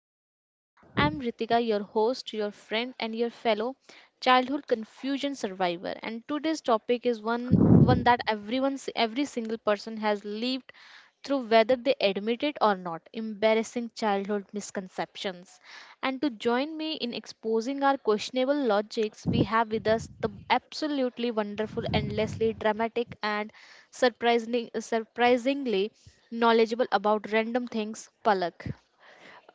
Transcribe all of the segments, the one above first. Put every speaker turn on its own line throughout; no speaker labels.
Lifetime. I'm Ritika, your host, your friend, and your fellow childhood confusion survivor. And today's topic is one that everyone, every single person has lived through, whether they admit it or not. Embarrassing childhood misconceptions. And to join me in exposing our questionable logics, we have with us the absolutely wonderful, endlessly dramatic, and surprisingly knowledgeable about random things, Palak.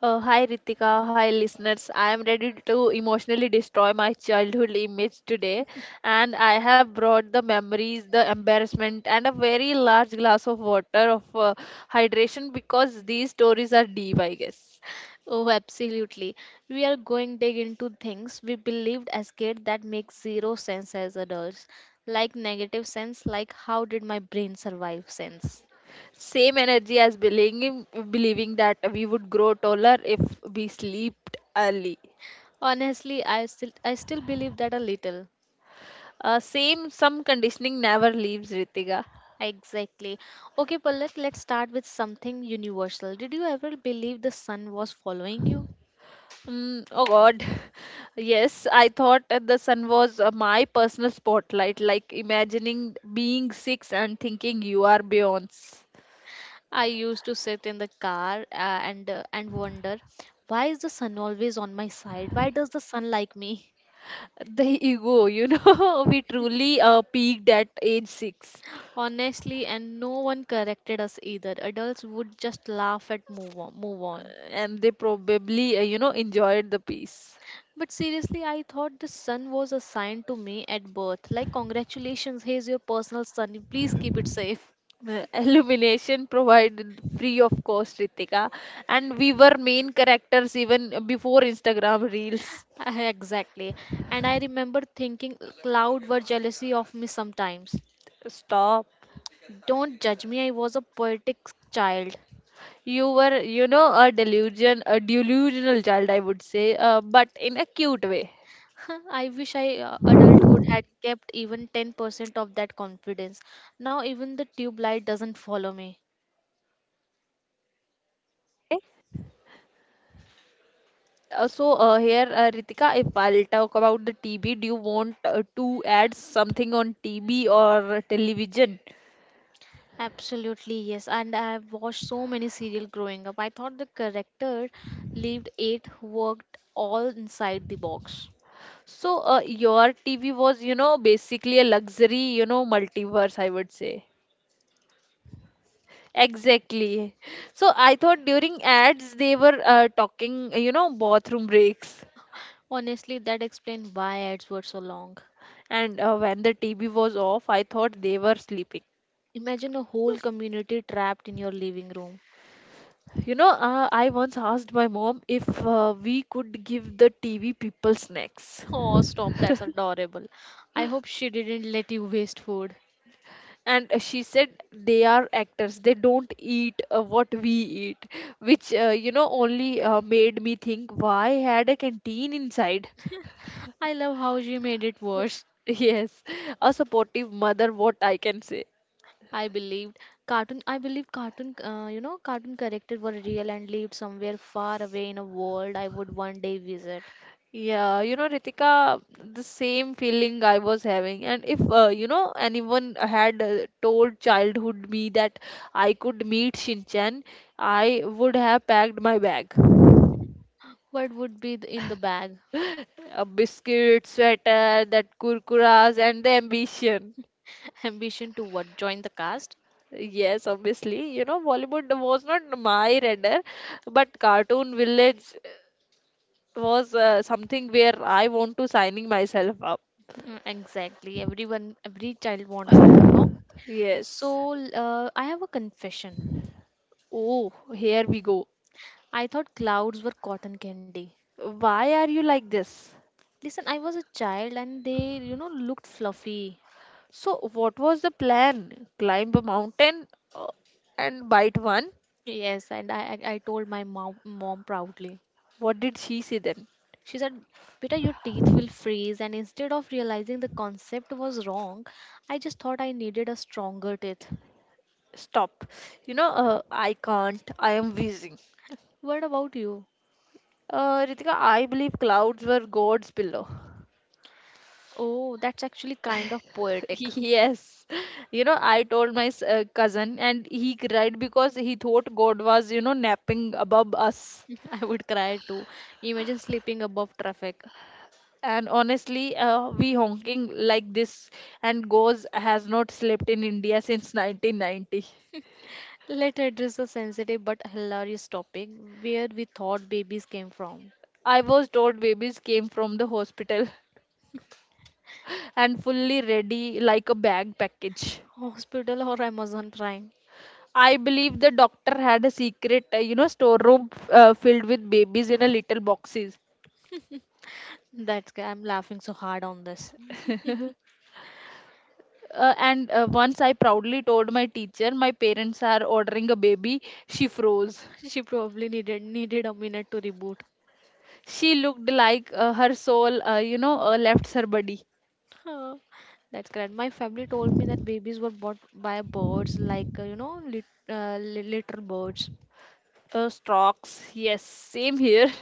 Hi Ritika, hi listeners. I am ready to emotionally destroy my childhood image today, and I have brought the memories, the embarrassment, and a very large glass of water of hydration because these stories are deep, I guess.
Oh, absolutely. We are going dig into things we believed as kids that make zero sense as adults, like negative sense, like how did my brain survive sense.
Same energy as believing that we would grow taller if we slept early.
Honestly, I still believe that a little.
Same, some conditioning never leaves Ritika.
Exactly. Okay, Palak, let's start with something universal. Did you ever believe the sun was following you?
Mm, oh God. Yes, I thought that the sun was my personal spotlight, like imagining being six and thinking you are Beyonce.
I used to sit in the car and wonder, why is the sun always on my side? Why does the sun like me?
The ego, you know, we truly peaked at age six,
Honestly, and no one corrected us either. Adults would just laugh and move on.
uh, and they probably, enjoyed the piece.
But seriously, I thought the sun was assigned to me at birth. Like, congratulations, here's your personal sun. Please keep it safe.
Illumination provided free of cost, Ritika, and we were main characters even before Instagram Reels.
Exactly. And I remember thinking cloud were jealousy of me sometimes.
Stop.
Don't judge me, I was a poetic child.
You were, you know, a delusional child, I would say, but in a cute way.
I wish I adulthood had kept even 10% of that confidence. Now even the tube light doesn't follow me.
Here, Ritika, if I'll talk about the TB, do you want to add something on TB or television?
Absolutely, yes. And I have watched so many serial growing up. I thought the character lived it, worked all inside the box.
So your TV was, you know, basically a luxury, you know, multiverse, I would say. Exactly. So I thought during ads they were talking, you know, bathroom breaks.
Honestly, that explained why ads were so long.
And when the TV was off, I thought they were sleeping.
Imagine a whole community trapped in your living room.
I once asked my mom if we could give the TV people snacks.
Oh, stop, that's adorable. I hope she didn't let you waste food.
And she said they are actors, they don't eat what we eat, which, only made me think why had a canteen inside?
I love how she made it worse.
Yes, a supportive mother, what I can say.
I believed I believed cartoon you know cartoon characters were real and lived somewhere far away in a world I would one day visit.
Yeah, you know, Ritika, the same feeling I was having. And if, anyone had told childhood me that I could meet Shinchan, I would have packed my bag.
What would be in the bag?
A biscuit, sweater, that kurkuras, and the ambition.
Ambition to what? Join the cast?
Yes, obviously, you know, Bollywood was not my radar, but Cartoon Village was something where I want to signing myself up.
Mm, exactly. Everyone every child wants that.
Yes.
So, I have a confession.
Oh, here we go.
I thought clouds were cotton candy.
Why are you like this?
Listen, I was a child and they, looked fluffy.
So, what was the plan? Climb a mountain uh, and bite one?
Yes, and I told my mom proudly.
What did she say then?
She said, Beta, your teeth will freeze. And instead of realizing the concept was wrong, I just thought I needed a stronger teeth.
Stop. You know, I can't. I am wheezing.
What about you?
Ritika, I believe clouds were God's pillow.
Oh, that's actually kind of poetic.
Yes. You know, I told my cousin, and he cried because he thought God was, you know, napping above us.
I would cry too. Imagine sleeping above traffic.
And honestly, we honking like this, and Goes has not slept in India since 1990.
Let's address a sensitive but hilarious topic where we thought babies came from.
I was told babies came from the hospital and fully ready like a bag package.
Hospital or Amazon Prime?
I believe the doctor had a secret, storeroom filled with babies in a little boxes.
I'm laughing so hard on this.
And Once I proudly told my teacher, my parents are ordering a baby, she froze.
She probably needed a minute to reboot.
She looked like her soul, left her body.
Huh, that's correct. My family told me that babies were bought by birds, like litter birds.
Stocks, yes, same here.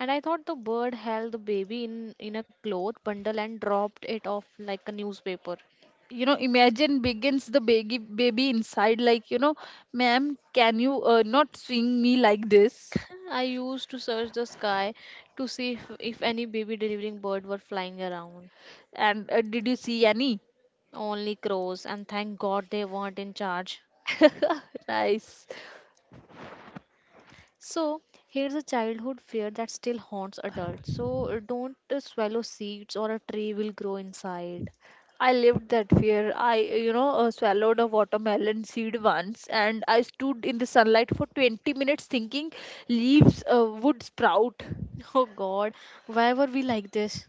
And I thought the bird held the baby in a cloth bundle and dropped it off like a newspaper.
You know, imagine begins the baby inside, like, you know, ma'am, can you not swing me like this?
I used to search the sky to see if any baby delivering bird were flying around.
And did you see any?
Only crows, and thank God they weren't in charge.
Nice.
So here's a childhood fear that still haunts adults. So don't swallow seeds or a tree will grow inside.
I lived that fear. I, swallowed a watermelon seed once, and I stood in the sunlight for 20 minutes thinking leaves would sprout
Oh God, why were we like this?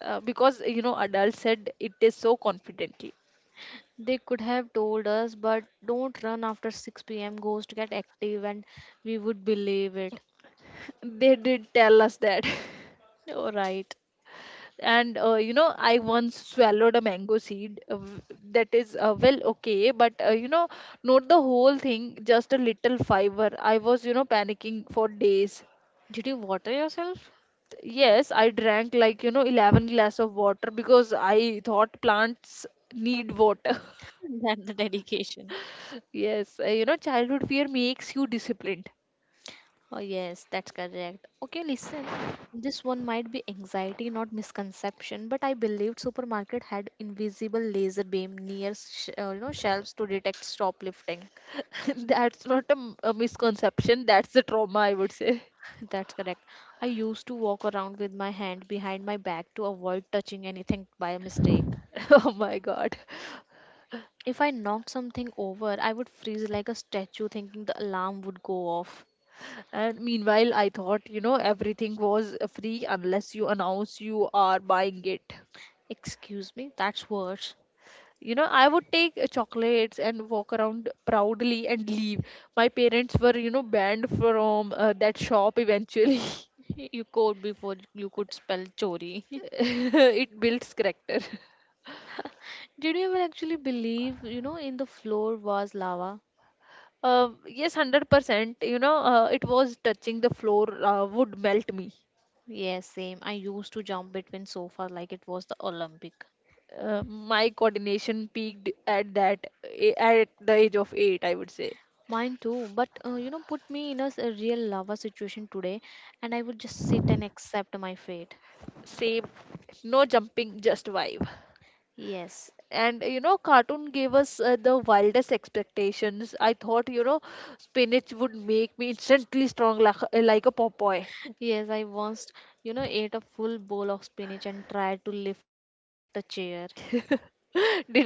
because, you know, adults said it is so confidently.
They could have told us, but don't run after 6 pm. Ghosts get active and we would believe it.
They did tell us that.
All right.
And, I once swallowed a mango seed, that is, well, okay, but, you know, not the whole thing, just a little fiber. I was, you know, panicking for days.
Did you water yourself?
Yes, I drank, like, you know, 11 glass of water because I thought plants need water.
That's the dedication.
Yes, childhood fear makes you disciplined.
Oh, yes, that's correct. Okay, listen, this one might be anxiety, not misconception, but I believed supermarket had invisible laser beam near shelves to detect shoplifting.
That's not a misconception, that's the trauma, I would say.
That's correct. I used to walk around with my hand behind my back to avoid touching anything by mistake.
Oh my god.
If I knocked something over, I would freeze like a statue, thinking the alarm would go off.
And meanwhile, I thought, you know, everything was free unless you announce you are buying it.
Excuse me, that's worse.
You know, I would take chocolates and walk around proudly and leave. My parents were, you know, banned from that shop eventually.
You called before you could spell chori.
It builds character.
Did you ever actually believe, in the floor was lava?
Yes, 100%. You know, it was touching the floor would melt me.
Yes, same. I used to jump between sofas like it was the Olympic.
My coordination peaked at that, eh, at the age of eight, I would say.
Mine too, but put me in a real lava situation today and I would just sit and accept my fate.
Same, no jumping, just vibe.
Yes.
And you know, cartoon gave us the wildest expectations. I thought, you know, spinach would make me instantly strong like a Popeye.
Yes, I once ate a full bowl of spinach and tried to lift a chair.
Did it work?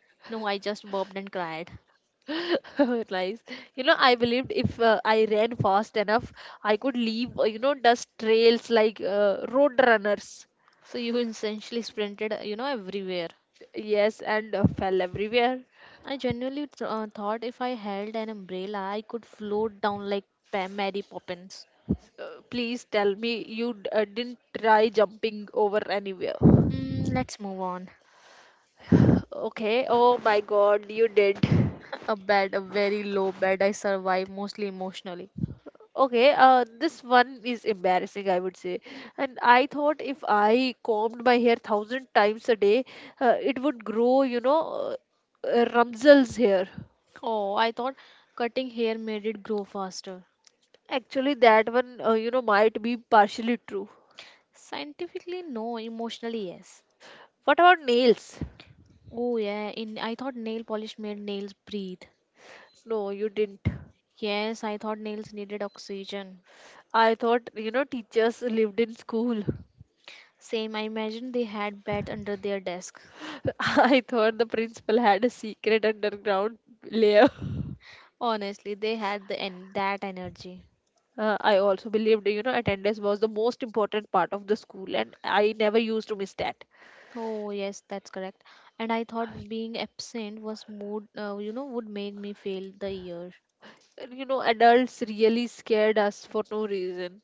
No, I just burped and cried.
Nice. You know, I believed if I ran fast enough, I could leave, dust trails like road runners.
So you essentially sprinted, everywhere.
Yes, and fell everywhere.
I genuinely thought if I held an umbrella, I could float down like Mary Poppins.
Please tell me you didn't try jumping over anywhere.
Mm, let's move on.
Okay, oh my god, you did.
A bed, a very low bed. I survive mostly emotionally.
Okay, this one is embarrassing, I would say. And I thought if I combed my hair thousand times a day, it would grow, Ramzal's hair.
Oh, I thought cutting hair made it grow faster.
Actually, that one, might be partially true.
Scientifically, no. Emotionally, yes.
What about nails?
Oh yeah. In I thought nail polish made nails breathe.
No, you didn't.
Yes, I thought nails needed oxygen.
I thought, you know, teachers lived in school.
Same. I imagined they had bed under their desk.
I thought the principal had a secret underground layer.
Honestly, they had that energy.
I also believed, you know, attendance was the most important part of the school, and I never used to miss that.
Oh, yes, that's correct. And I thought being absent was mood, would make me fail the year.
And, you know, adults really scared us for no reason.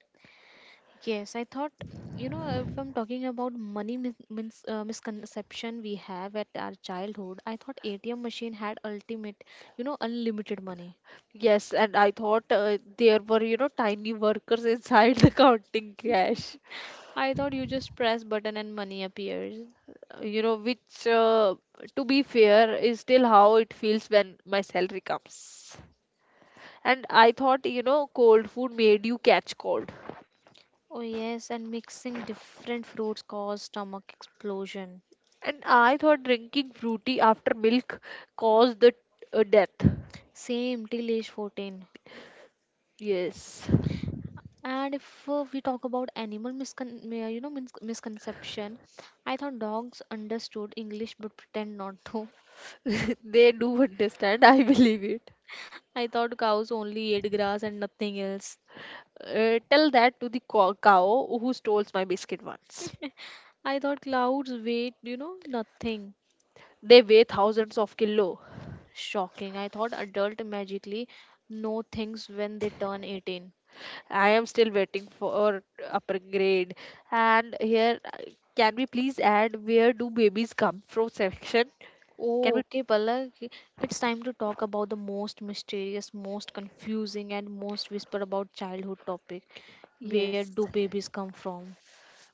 Yes, I thought, if I'm talking about money misconception we have at our childhood, I thought ATM machine had ultimate, unlimited money.
Yes, and I thought there were, you know, tiny workers inside the counting cash.
I thought you just press button and money appears.
You know, which, to be fair, is still how it feels when my salary comes. And I thought, you know, cold food made you catch cold.
Oh yes, and mixing different fruits caused stomach explosion.
And I thought drinking fruity after milk caused the death.
Same till age 14.
Yes,
And if we talk about animal misconception, I thought dogs understood English but pretend not to.
they do understand, I believe it.
I thought cows only ate grass and nothing else.
Tell that to the cow who stole my biscuit once.
I thought clouds weighed nothing.
They weigh thousands of kilo.
Shocking. I thought adult magically know things when they turn 18.
I am still waiting for upper grade. And here, can we please add where do babies come from section? Can
Oh,
we?
okay, Palak. It's time to talk about the most mysterious, most confusing, and most whisper about childhood topic. Where
Yes.
do babies come from?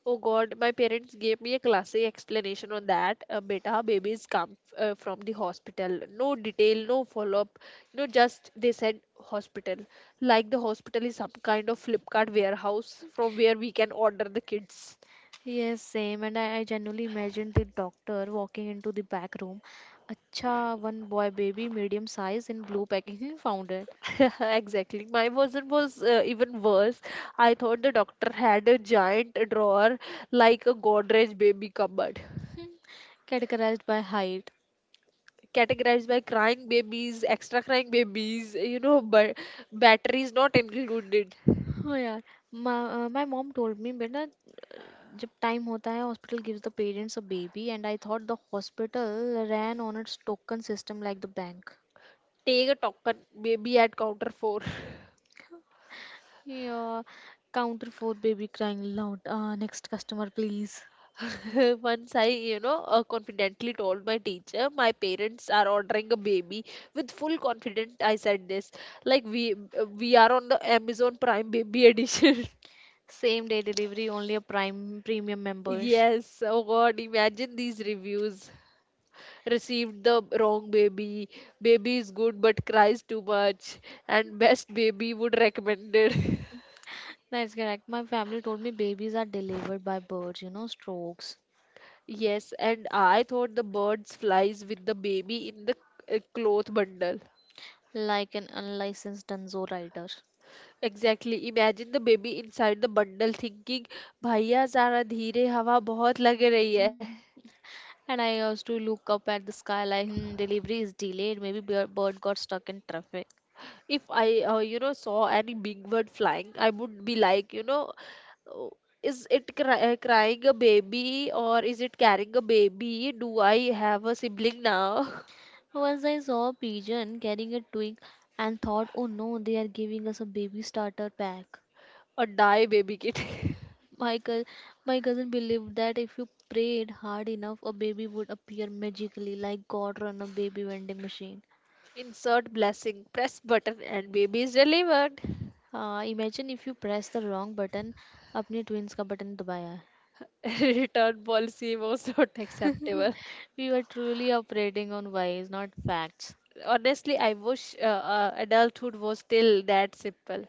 Oh God, my parents gave me a classy explanation on that. Beta, babies come from the hospital. No detail, no follow-up. You know, just they said hospital. Like the hospital is some kind of Flipkart warehouse from where we can order the kids.
Yes, same. And I genuinely imagined the doctor walking into the back room. Acha, one boy baby, medium size, in blue packaging, found it,
Exactly. My version was even worse. I thought the doctor had a giant drawer like a Godrej baby cupboard.
categorized by height.
Categorized by crying babies, extra crying babies, you know, but batteries not included.
Oh yeah, my, my mom told me, बेटा जब time होता है hospital gives the parents a baby and I thought the hospital ran on its token system like the bank.
Take a token maybe at counter four.
Yeah, counter for baby crying loud. Next customer, please.
Once I, confidently told my teacher, my parents are ordering a baby. With full confidence, I said this. Like we are on the Amazon Prime Baby Edition.
Same day delivery, only a prime premium members.
Yes. Oh God, imagine these reviews. Received the wrong baby. Baby is good but cries too much. And best baby would recommended.
That's correct. My family told me babies are delivered by birds, you know, strokes,
Yes, and I thought the birds flies with the baby in the cloth bundle.
like an unlicensed dunzo rider.
Exactly. Imagine the baby inside the bundle thinking, भैया जरा धीरे हवा बहुत लग रही है.
And I used to look up at the sky like, hmm, delivery is delayed. Maybe bird got stuck in traffic.
If I, saw any big bird flying, I would be like, you know, "Oh, is it crying a baby or is it carrying a baby? Do I have a sibling now?"
Once I saw a pigeon carrying a twig and thought, oh no, they are giving us a baby starter pack.
Or die, baby kid?
My, cou- my cousin believed that if you prayed hard enough, a baby would appear magically, like God run a baby vending machine.
Insert blessing, press button, and baby is delivered.
Imagine if you press the wrong button, अपने twins का button दबाया है.
Return policy was not acceptable.
We were truly operating on vibes, not facts.
Honestly, I wish adulthood was still that simple.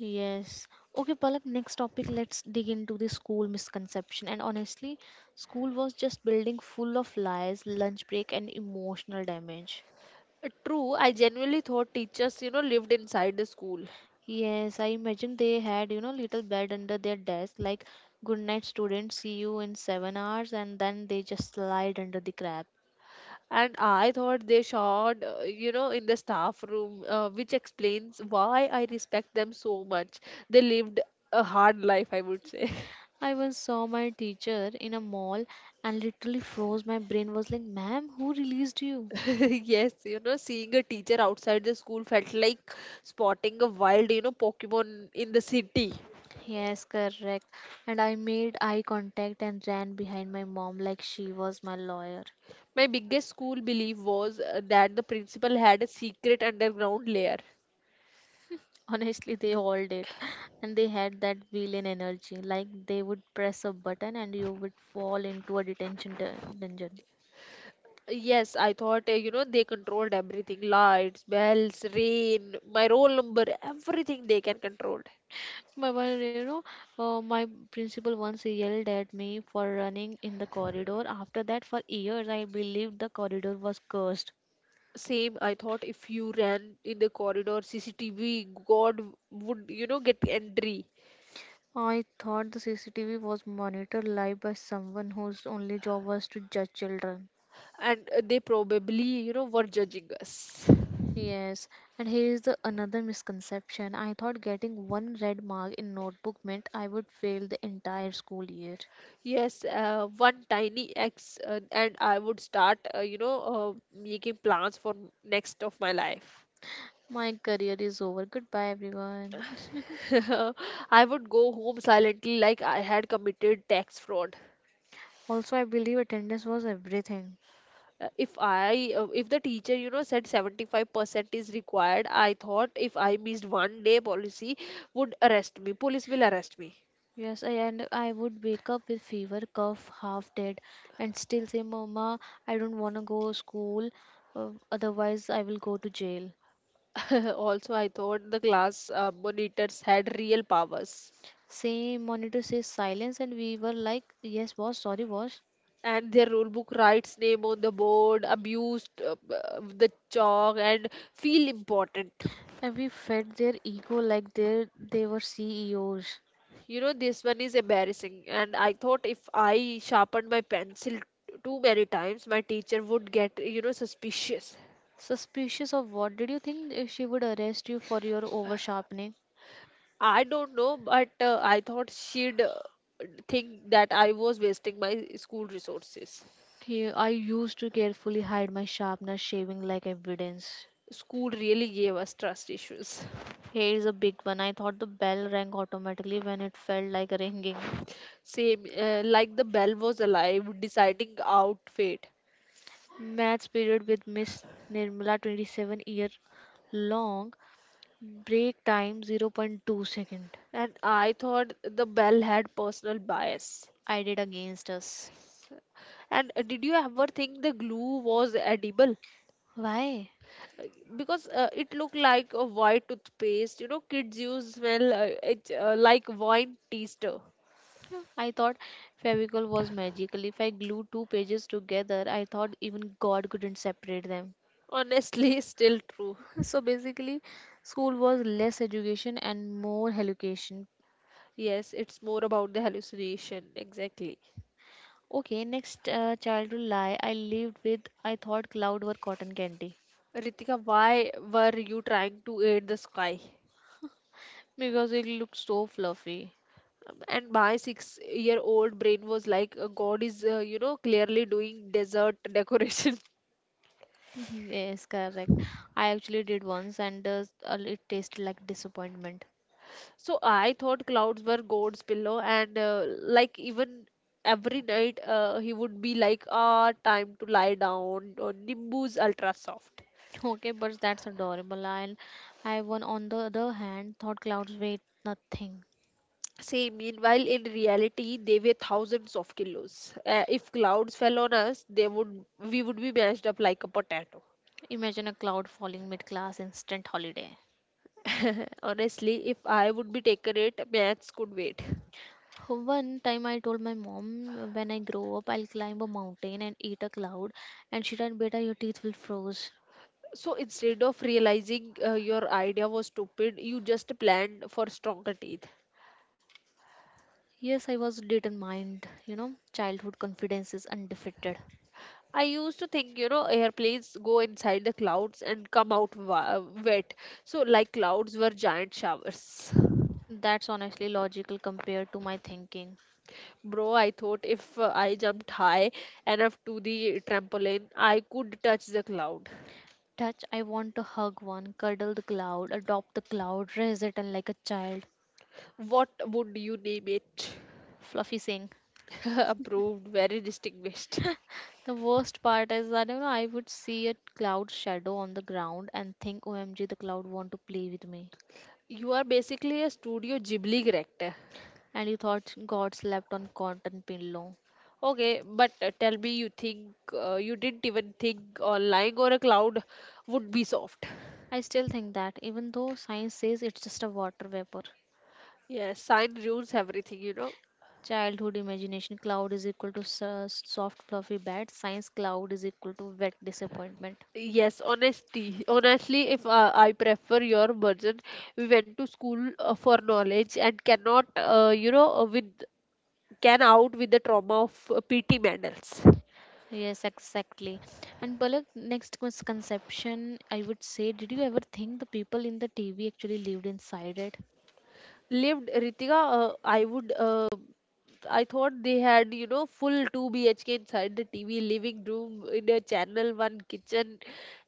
Yes. Okay, Palak, next topic, let's dig into the school misconception. And honestly, school was just building full of lies, lunch break, and emotional damage.
True, I genuinely thought teachers, you know, lived inside the school,
Yes, I imagine they had little bed under their desk, like good night students, see you in 7 hours, and then they just slide under the crab.
and I thought they showed, in the staff room, which explains why I respect them so much. They lived a hard life, I would say.
I once saw my teacher in a mall and literally froze. My brain was like, Ma'am, who released you?
Yes, you know, seeing a teacher outside the school felt like spotting a wild, you know, Pokemon in the city.
Yes, correct. And I made eye contact and ran behind my mom like she was my lawyer.
My biggest school belief was that the principal had a secret underground lair.
Honestly, they all did. And they had that villain energy. Like they would press a button and you would fall into a detention dungeon.
Yes, I thought, they controlled everything, lights, bells, rain, my roll number, everything they can control.
My, one, you know, my principal once yelled at me for running in the corridor. After that, for years, I believed the corridor was cursed.
Same, I thought if you ran in the corridor, CCTV, God would, you know, get entry.
I thought the CCTV was monitored live by someone whose only job was to judge children.
And they probably, you know, were judging us.
Yes, and here is the another misconception. I thought getting one red mark in notebook meant I would fail the entire school year.
Yes, one tiny X, and I would start, making plans for next of my life.
My career is over. Goodbye, everyone.
I would go home silently like I had committed tax fraud.
Also, I believe attendance was everything.
If I if the teacher, you know, said 75% is required, I thought if I missed 1 day, policy would arrest me, police will arrest me.
Yes, and I would wake up with fever, cough, half dead, and still say, "Mama, I don't wanna go school. Otherwise, I will go to jail."
Also, I thought the class monitors had real powers,
Same monitor says silence, and we were like, yes, boss, sorry, boss.
and their rule book writes name on the board, abused the chalk and feel important.
And we fed their ego like they were CEOs.
You know, this one is embarrassing, and I thought if I sharpened my pencil too many times, my teacher would get, you know, suspicious.
Suspicious of what? Did you think she would arrest you for your over sharpening?
I don't know, but I thought she'd think that I was wasting my school resources.
He, I used to carefully hide my sharpener shaving like evidence.
School really gave us trust issues.
Here's a big one. I thought the bell rang automatically when it felt like ringing.
Same, like the bell was alive, deciding out fate.
Maths period with Miss Nirmala, 27 year long. Break time zero point 0.2 second.
And I thought the bell had personal bias.
I did against us.
And did you ever think the glue was edible?
Why?
Uh, Because it looked like a white toothpaste. You know, kids use smell it, like wine taster.
Huh, I thought Fevicol was magical. If I glued two pages together, I thought even God couldn't separate them.
Honestly, still true.
So basically, school was less education and more education.
Yes, it's more about the hallucination. Exactly.
Okay, next childhood lie I lived with, I thought cloud were cotton candy
Ritika, why were you trying to aid the sky?
because it looked so fluffy.
And my six-year-old brain was like, God is, clearly doing desert decoration.
Yes, correct. I actually did once and it tasted like disappointment.
So I thought clouds were God's pillow, and like even every night he would be like, ah, time to lie down, or Nimbus ultra soft.
Okay, but that's adorable. And I, one on the other hand, thought clouds weighed nothing.
Say, meanwhile, in reality, they weigh thousands of kilos. If clouds fell on us, they would we would be mashed up like a potato.
Imagine a cloud falling mid class, instant holiday.
Honestly, if I would be taken it, maths could wait.
One time I told my mom, when I grow up I'll climb a mountain and eat a cloud, and she said beta your teeth will froze.
So instead of realizing your idea was stupid, you just planned for stronger teeth.
Yes, I was determined, you know. Childhood confidence is undefeated.
I used to think, you know, airplanes go inside the clouds and come out wet. So, like clouds were giant showers.
That's honestly logical compared to my thinking.
Bro, I thought if I jumped high enough to the trampoline, I could touch the cloud.
Touch, I want to hug one, cuddle the cloud, adopt the cloud, raise it and like a child.
What would you name it?
Fluffy saying.
Approved, very distinguished.
The worst part is, I don't know, I would see a cloud shadow on the ground and think, OMG, the cloud want to play with me.
You are basically a Studio Ghibli character.
And you thought God slept on cotton pillow.
Okay, but tell me you didn't even think lying on a cloud would be soft.
I still think that, even though science says it's just a water vapor.
Yes, sign ruins everything, you know.
Childhood imagination cloud is equal to soft fluffy bed. Science cloud is equal to wet disappointment.
Yes, honesty. Honestly, if I prefer your version, we went to school for knowledge and cannot, with can out with the trauma of PT medals.
Yes, exactly. And Palak, next misconception, I would say, did you ever think the people in the TV actually lived inside it?
Lived Ritika, I would, I thought they had, you know, full 2 BHK inside the TV, living room in a channel 1 kitchen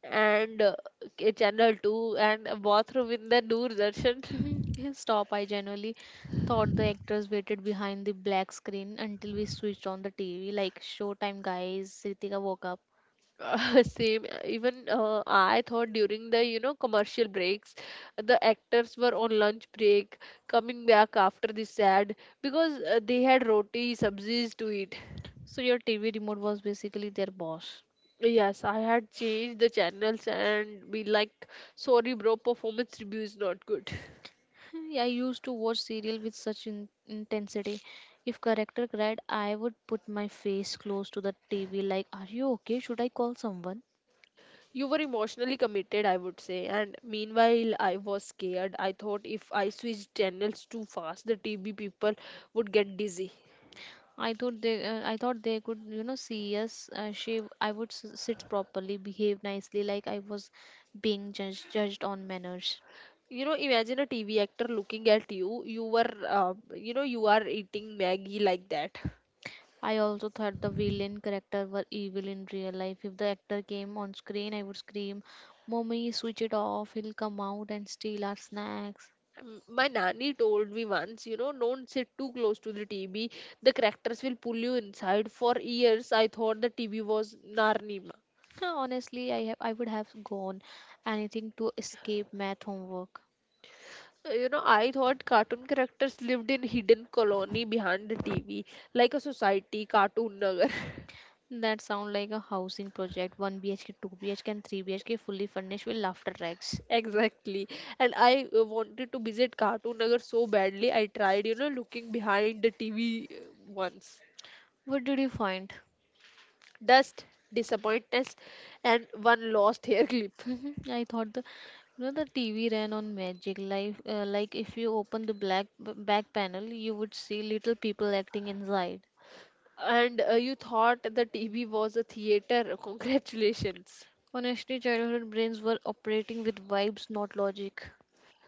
and a channel 2 and a bathroom in the Doordarshan.
Mhm, His stop, I generally thought the actors waited behind the black screen until we switched on the TV, like showtime guys, Ritika woke up.
Same. Even I thought during the commercial breaks, the actors were on lunch break, coming back after this sad because they had roti sabzis to eat.
So your TV remote was basically their boss.
Yes, I had changed the channels and be like, sorry, bro, performance review is not good.
I used to watch serial with such intensity. If character cried, I would put my face close to the TV, like, "Are you okay? Should I call someone?"
You were emotionally committed, I would say. And meanwhile, I was scared. I thought if I switched channels too fast, the TV people would get dizzy.
I thought they could, you know, see us. I would sit properly, behave nicely, like I was being judged, judged on manners.
You know, imagine a TV actor looking at you, you were, you are eating maggie like that.
I also thought the villain character were evil in real life. If the actor came on screen, I would scream, "Mommy, switch it off! He'll come out and steal our snacks."
My nanny told me once, you know, don't sit too close to the TV, the characters will pull you inside. For years I thought the TV was narnima.
Honestly, I would have gone anything to escape math homework.
You know, I thought cartoon characters lived in hidden colony behind the TV, like a society cartoon nagar.
That sound like a housing project: one BHK, two BHK, and three BHK, fully furnished with laughter racks.
Exactly. And I wanted to visit cartoon nagar so badly, I tried, you know, looking behind the TV once.
What did you find?
Dust, disappointment, and one lost hair clip.
Mhm. I thought the, you know, the TV ran on magic life, like if you open the black back panel you would see little people acting inside.
And you thought the TV was a theater. Congratulations.
Honestly childhood brains were operating with vibes not logic.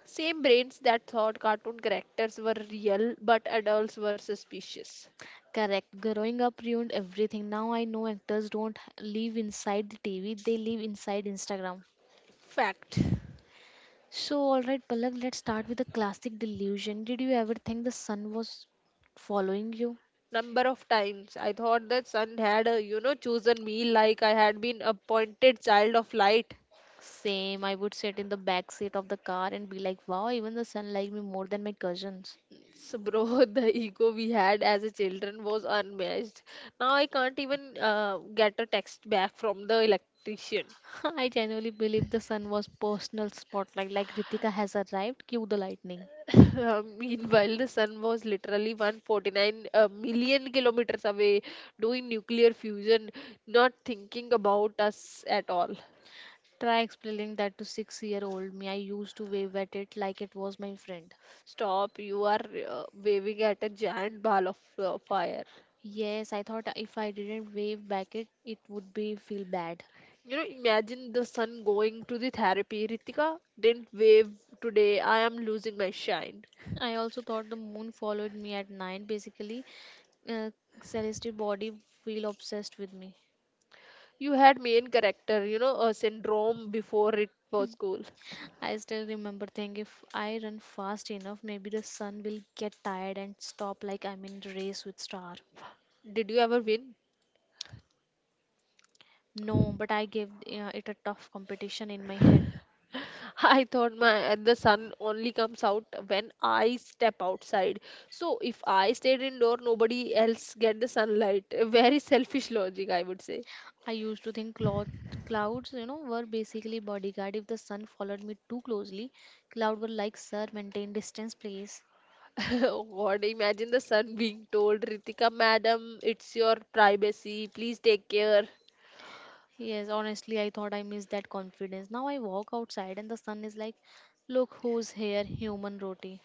Same brains that thought cartoon characters were real, but adults were suspicious.
Correct. Growing up ruined everything. Now I know actors don't live inside the TV, they live inside Instagram.
Fact.
So alright Palak, let's start with the classic delusion. Did you ever think the sun was following you?
Number of times I thought the sun had, chosen me like I had been appointed child of light.
Same, I would sit in the back seat of the car and be like, wow, even the sun liked me more than my cousins.
So, bro, the ego we had as a children was unmatched. Now I can't even get a text back from the electrician.
I genuinely believe the sun was personal spotlight, like Ritika has arrived, cue the lightning.
Meanwhile, the sun was literally 149 million kilometers away doing nuclear fusion, not thinking about us at all.
Try explaining that to 6 year old me. I used to wave at it like it was my friend.
Stop, you are waving at a giant ball of fire.
Yes, I thought if I didn't wave back it, it would be feel bad.
You know, imagine the sun going to the therapy. Ritika didn't wave today. I am losing my shine.
I also thought the moon followed me at night. Basically, uh, celestial body feel obsessed with me.
You had main character, you know, a syndrome before it was cool.
I still remember thinking if I run fast enough, maybe the sun will get tired and stop, like I'm in a race with star.
Did you ever win?
No, but I gave it a tough competition in my head.
I thought my the sun only comes out when I step outside. So if I stayed indoor, nobody else get the sunlight. A very selfish logic, I would say.
I used to think clouds, you know, were basically bodyguard. If the sun followed me too closely, cloud were like, sir, maintain distance, please.
God, imagine the sun being told, Ritika, madam, it's your privacy. Please take care.
Yes, honestly, I thought I missed that confidence. Now I walk outside and the sun is like, look who's here, human roti.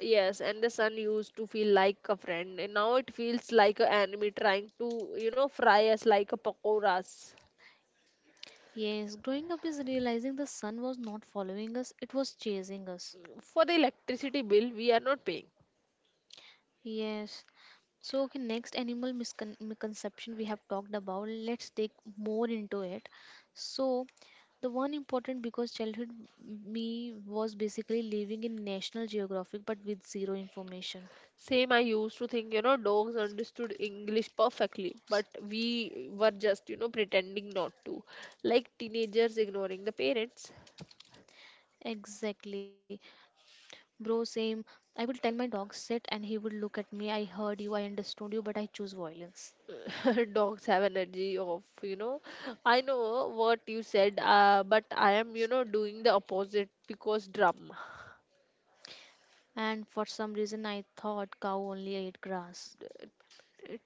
Yes, and the sun used to feel like a friend, and now it feels like an enemy trying to, you know, fry us like a pakoras.
Yes, growing up is realizing the sun was not following us, it was chasing us.
For the electricity bill, we are not paying.
Yes. So, okay, next animal misconception we have talked about. Let's take more into it. So, the one important because childhood me was basically living in National Geographic but with zero information.
Same, I used to think, you know, dogs understood English perfectly,
S-
but we were just, you know, pretending not to. Like teenagers ignoring the parents.
Exactly. Bro, same. I would tell my dog sit and he would look at me. I heard you, I understood you, but I choose violence.
Dogs have energy of, you know, I know what you said, but I am, you know, doing the opposite because drama.
And for some reason I thought cow only ate grass.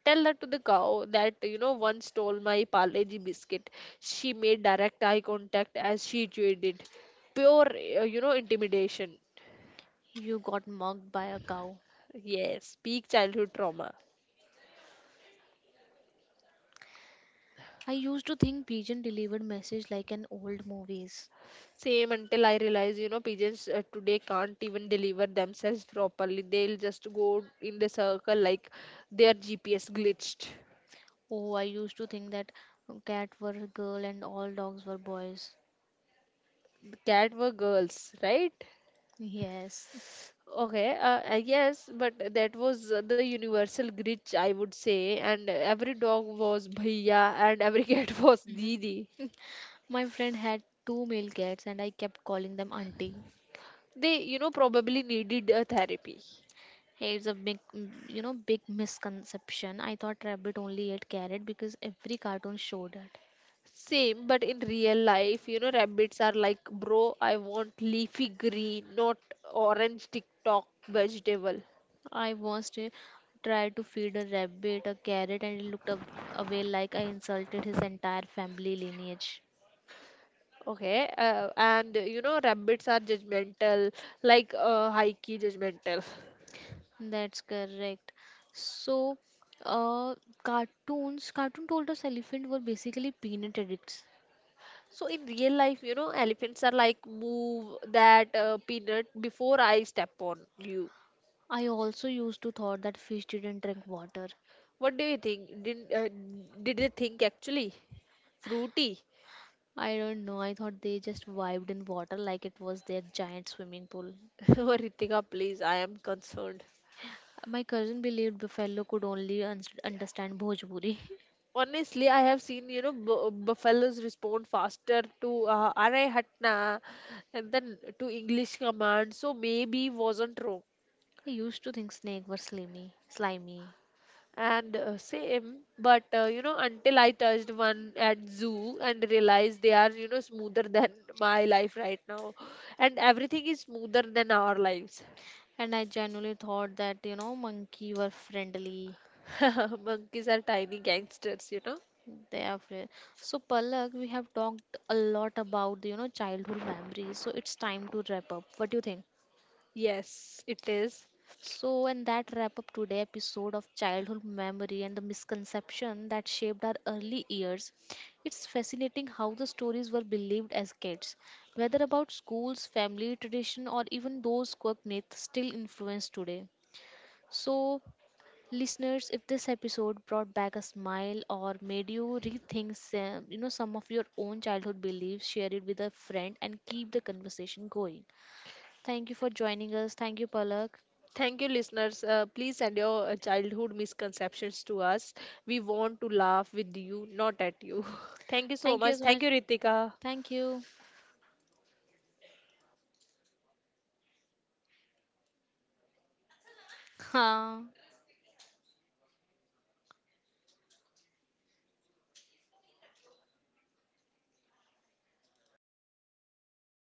Tell that to the cow that, you know, once stole my Parleji biscuit. She made direct eye contact as she chewed it. Pure, intimidation.
You got mugged by a cow.
Yes, peak childhood trauma.
I used to think pigeon delivered message like in old movies.
Same, until I realize, you know, pigeons today can't even deliver themselves properly. They'll just go in the circle like their GPS glitched.
Oh, I used to think that cat were a girl and all dogs were boys.
The cat were girls, right?
Yes.
Okay, yes, but that was the universal glitch, I would say. And every dog was bhaiya and every cat was didi.
My friend had two male cats and I kept calling them auntie.
They, you know, probably needed a therapy.
Hey, it's a big, you know, big misconception. I thought rabbit only ate carrot because every cartoon showed it.
Same, but in real life, you know, rabbits are like, bro, I want leafy green, not orange TikTok vegetable.
I once tried to feed a rabbit a carrot and it looked away like I insulted his entire family lineage.
Okay, and you know, rabbits are judgmental, like high key judgmental.
That's correct. So, uh, cartoon told us elephant were basically peanut addicts.
So in real life, you know, elephants are like, move that peanut before I step on you.
I also used to thought that fish didn't drink water.
What do you think? Did they think actually fruity?
I don't know. I thought they just vibed in water like it was their giant swimming pool.
Oh, Ritika, please, I am concerned.
My cousin believed buffalo could only understand Bhojpuri.
Honestly, I have seen, you know, buffaloes respond faster to "Arey hatna" and then to English commands, so maybe wasn't wrong.
I used to think snake were slimy.
And same, but you know, until I touched one at zoo and realized they are, you know, smoother than my life right now, and everything is smoother than our lives.
And I genuinely thought that, you know, monkey were friendly.
Monkeys are tiny gangsters, you know.
They are fri- So, Palak, we have talked a lot about, you know, childhood memories. So, it's time to wrap up. What do you think?
Yes, it is.
So, and that wrap up today episode of childhood memory and the misconception that shaped our early years. It's fascinating how the stories were believed as kids, whether about schools, family, tradition, or even those quirk myths still influence today. So, listeners, if this episode brought back a smile or made you rethink some of your own childhood beliefs, share it with a friend and keep the conversation going. Thank you for joining us. Thank you, Palak.
Thank you, listeners. Please send your childhood misconceptions to us. We want to laugh with you, not at you. Thank you so
Thank you
much.
as
Thank
much.
you, Ritika.
Thank you. Ha.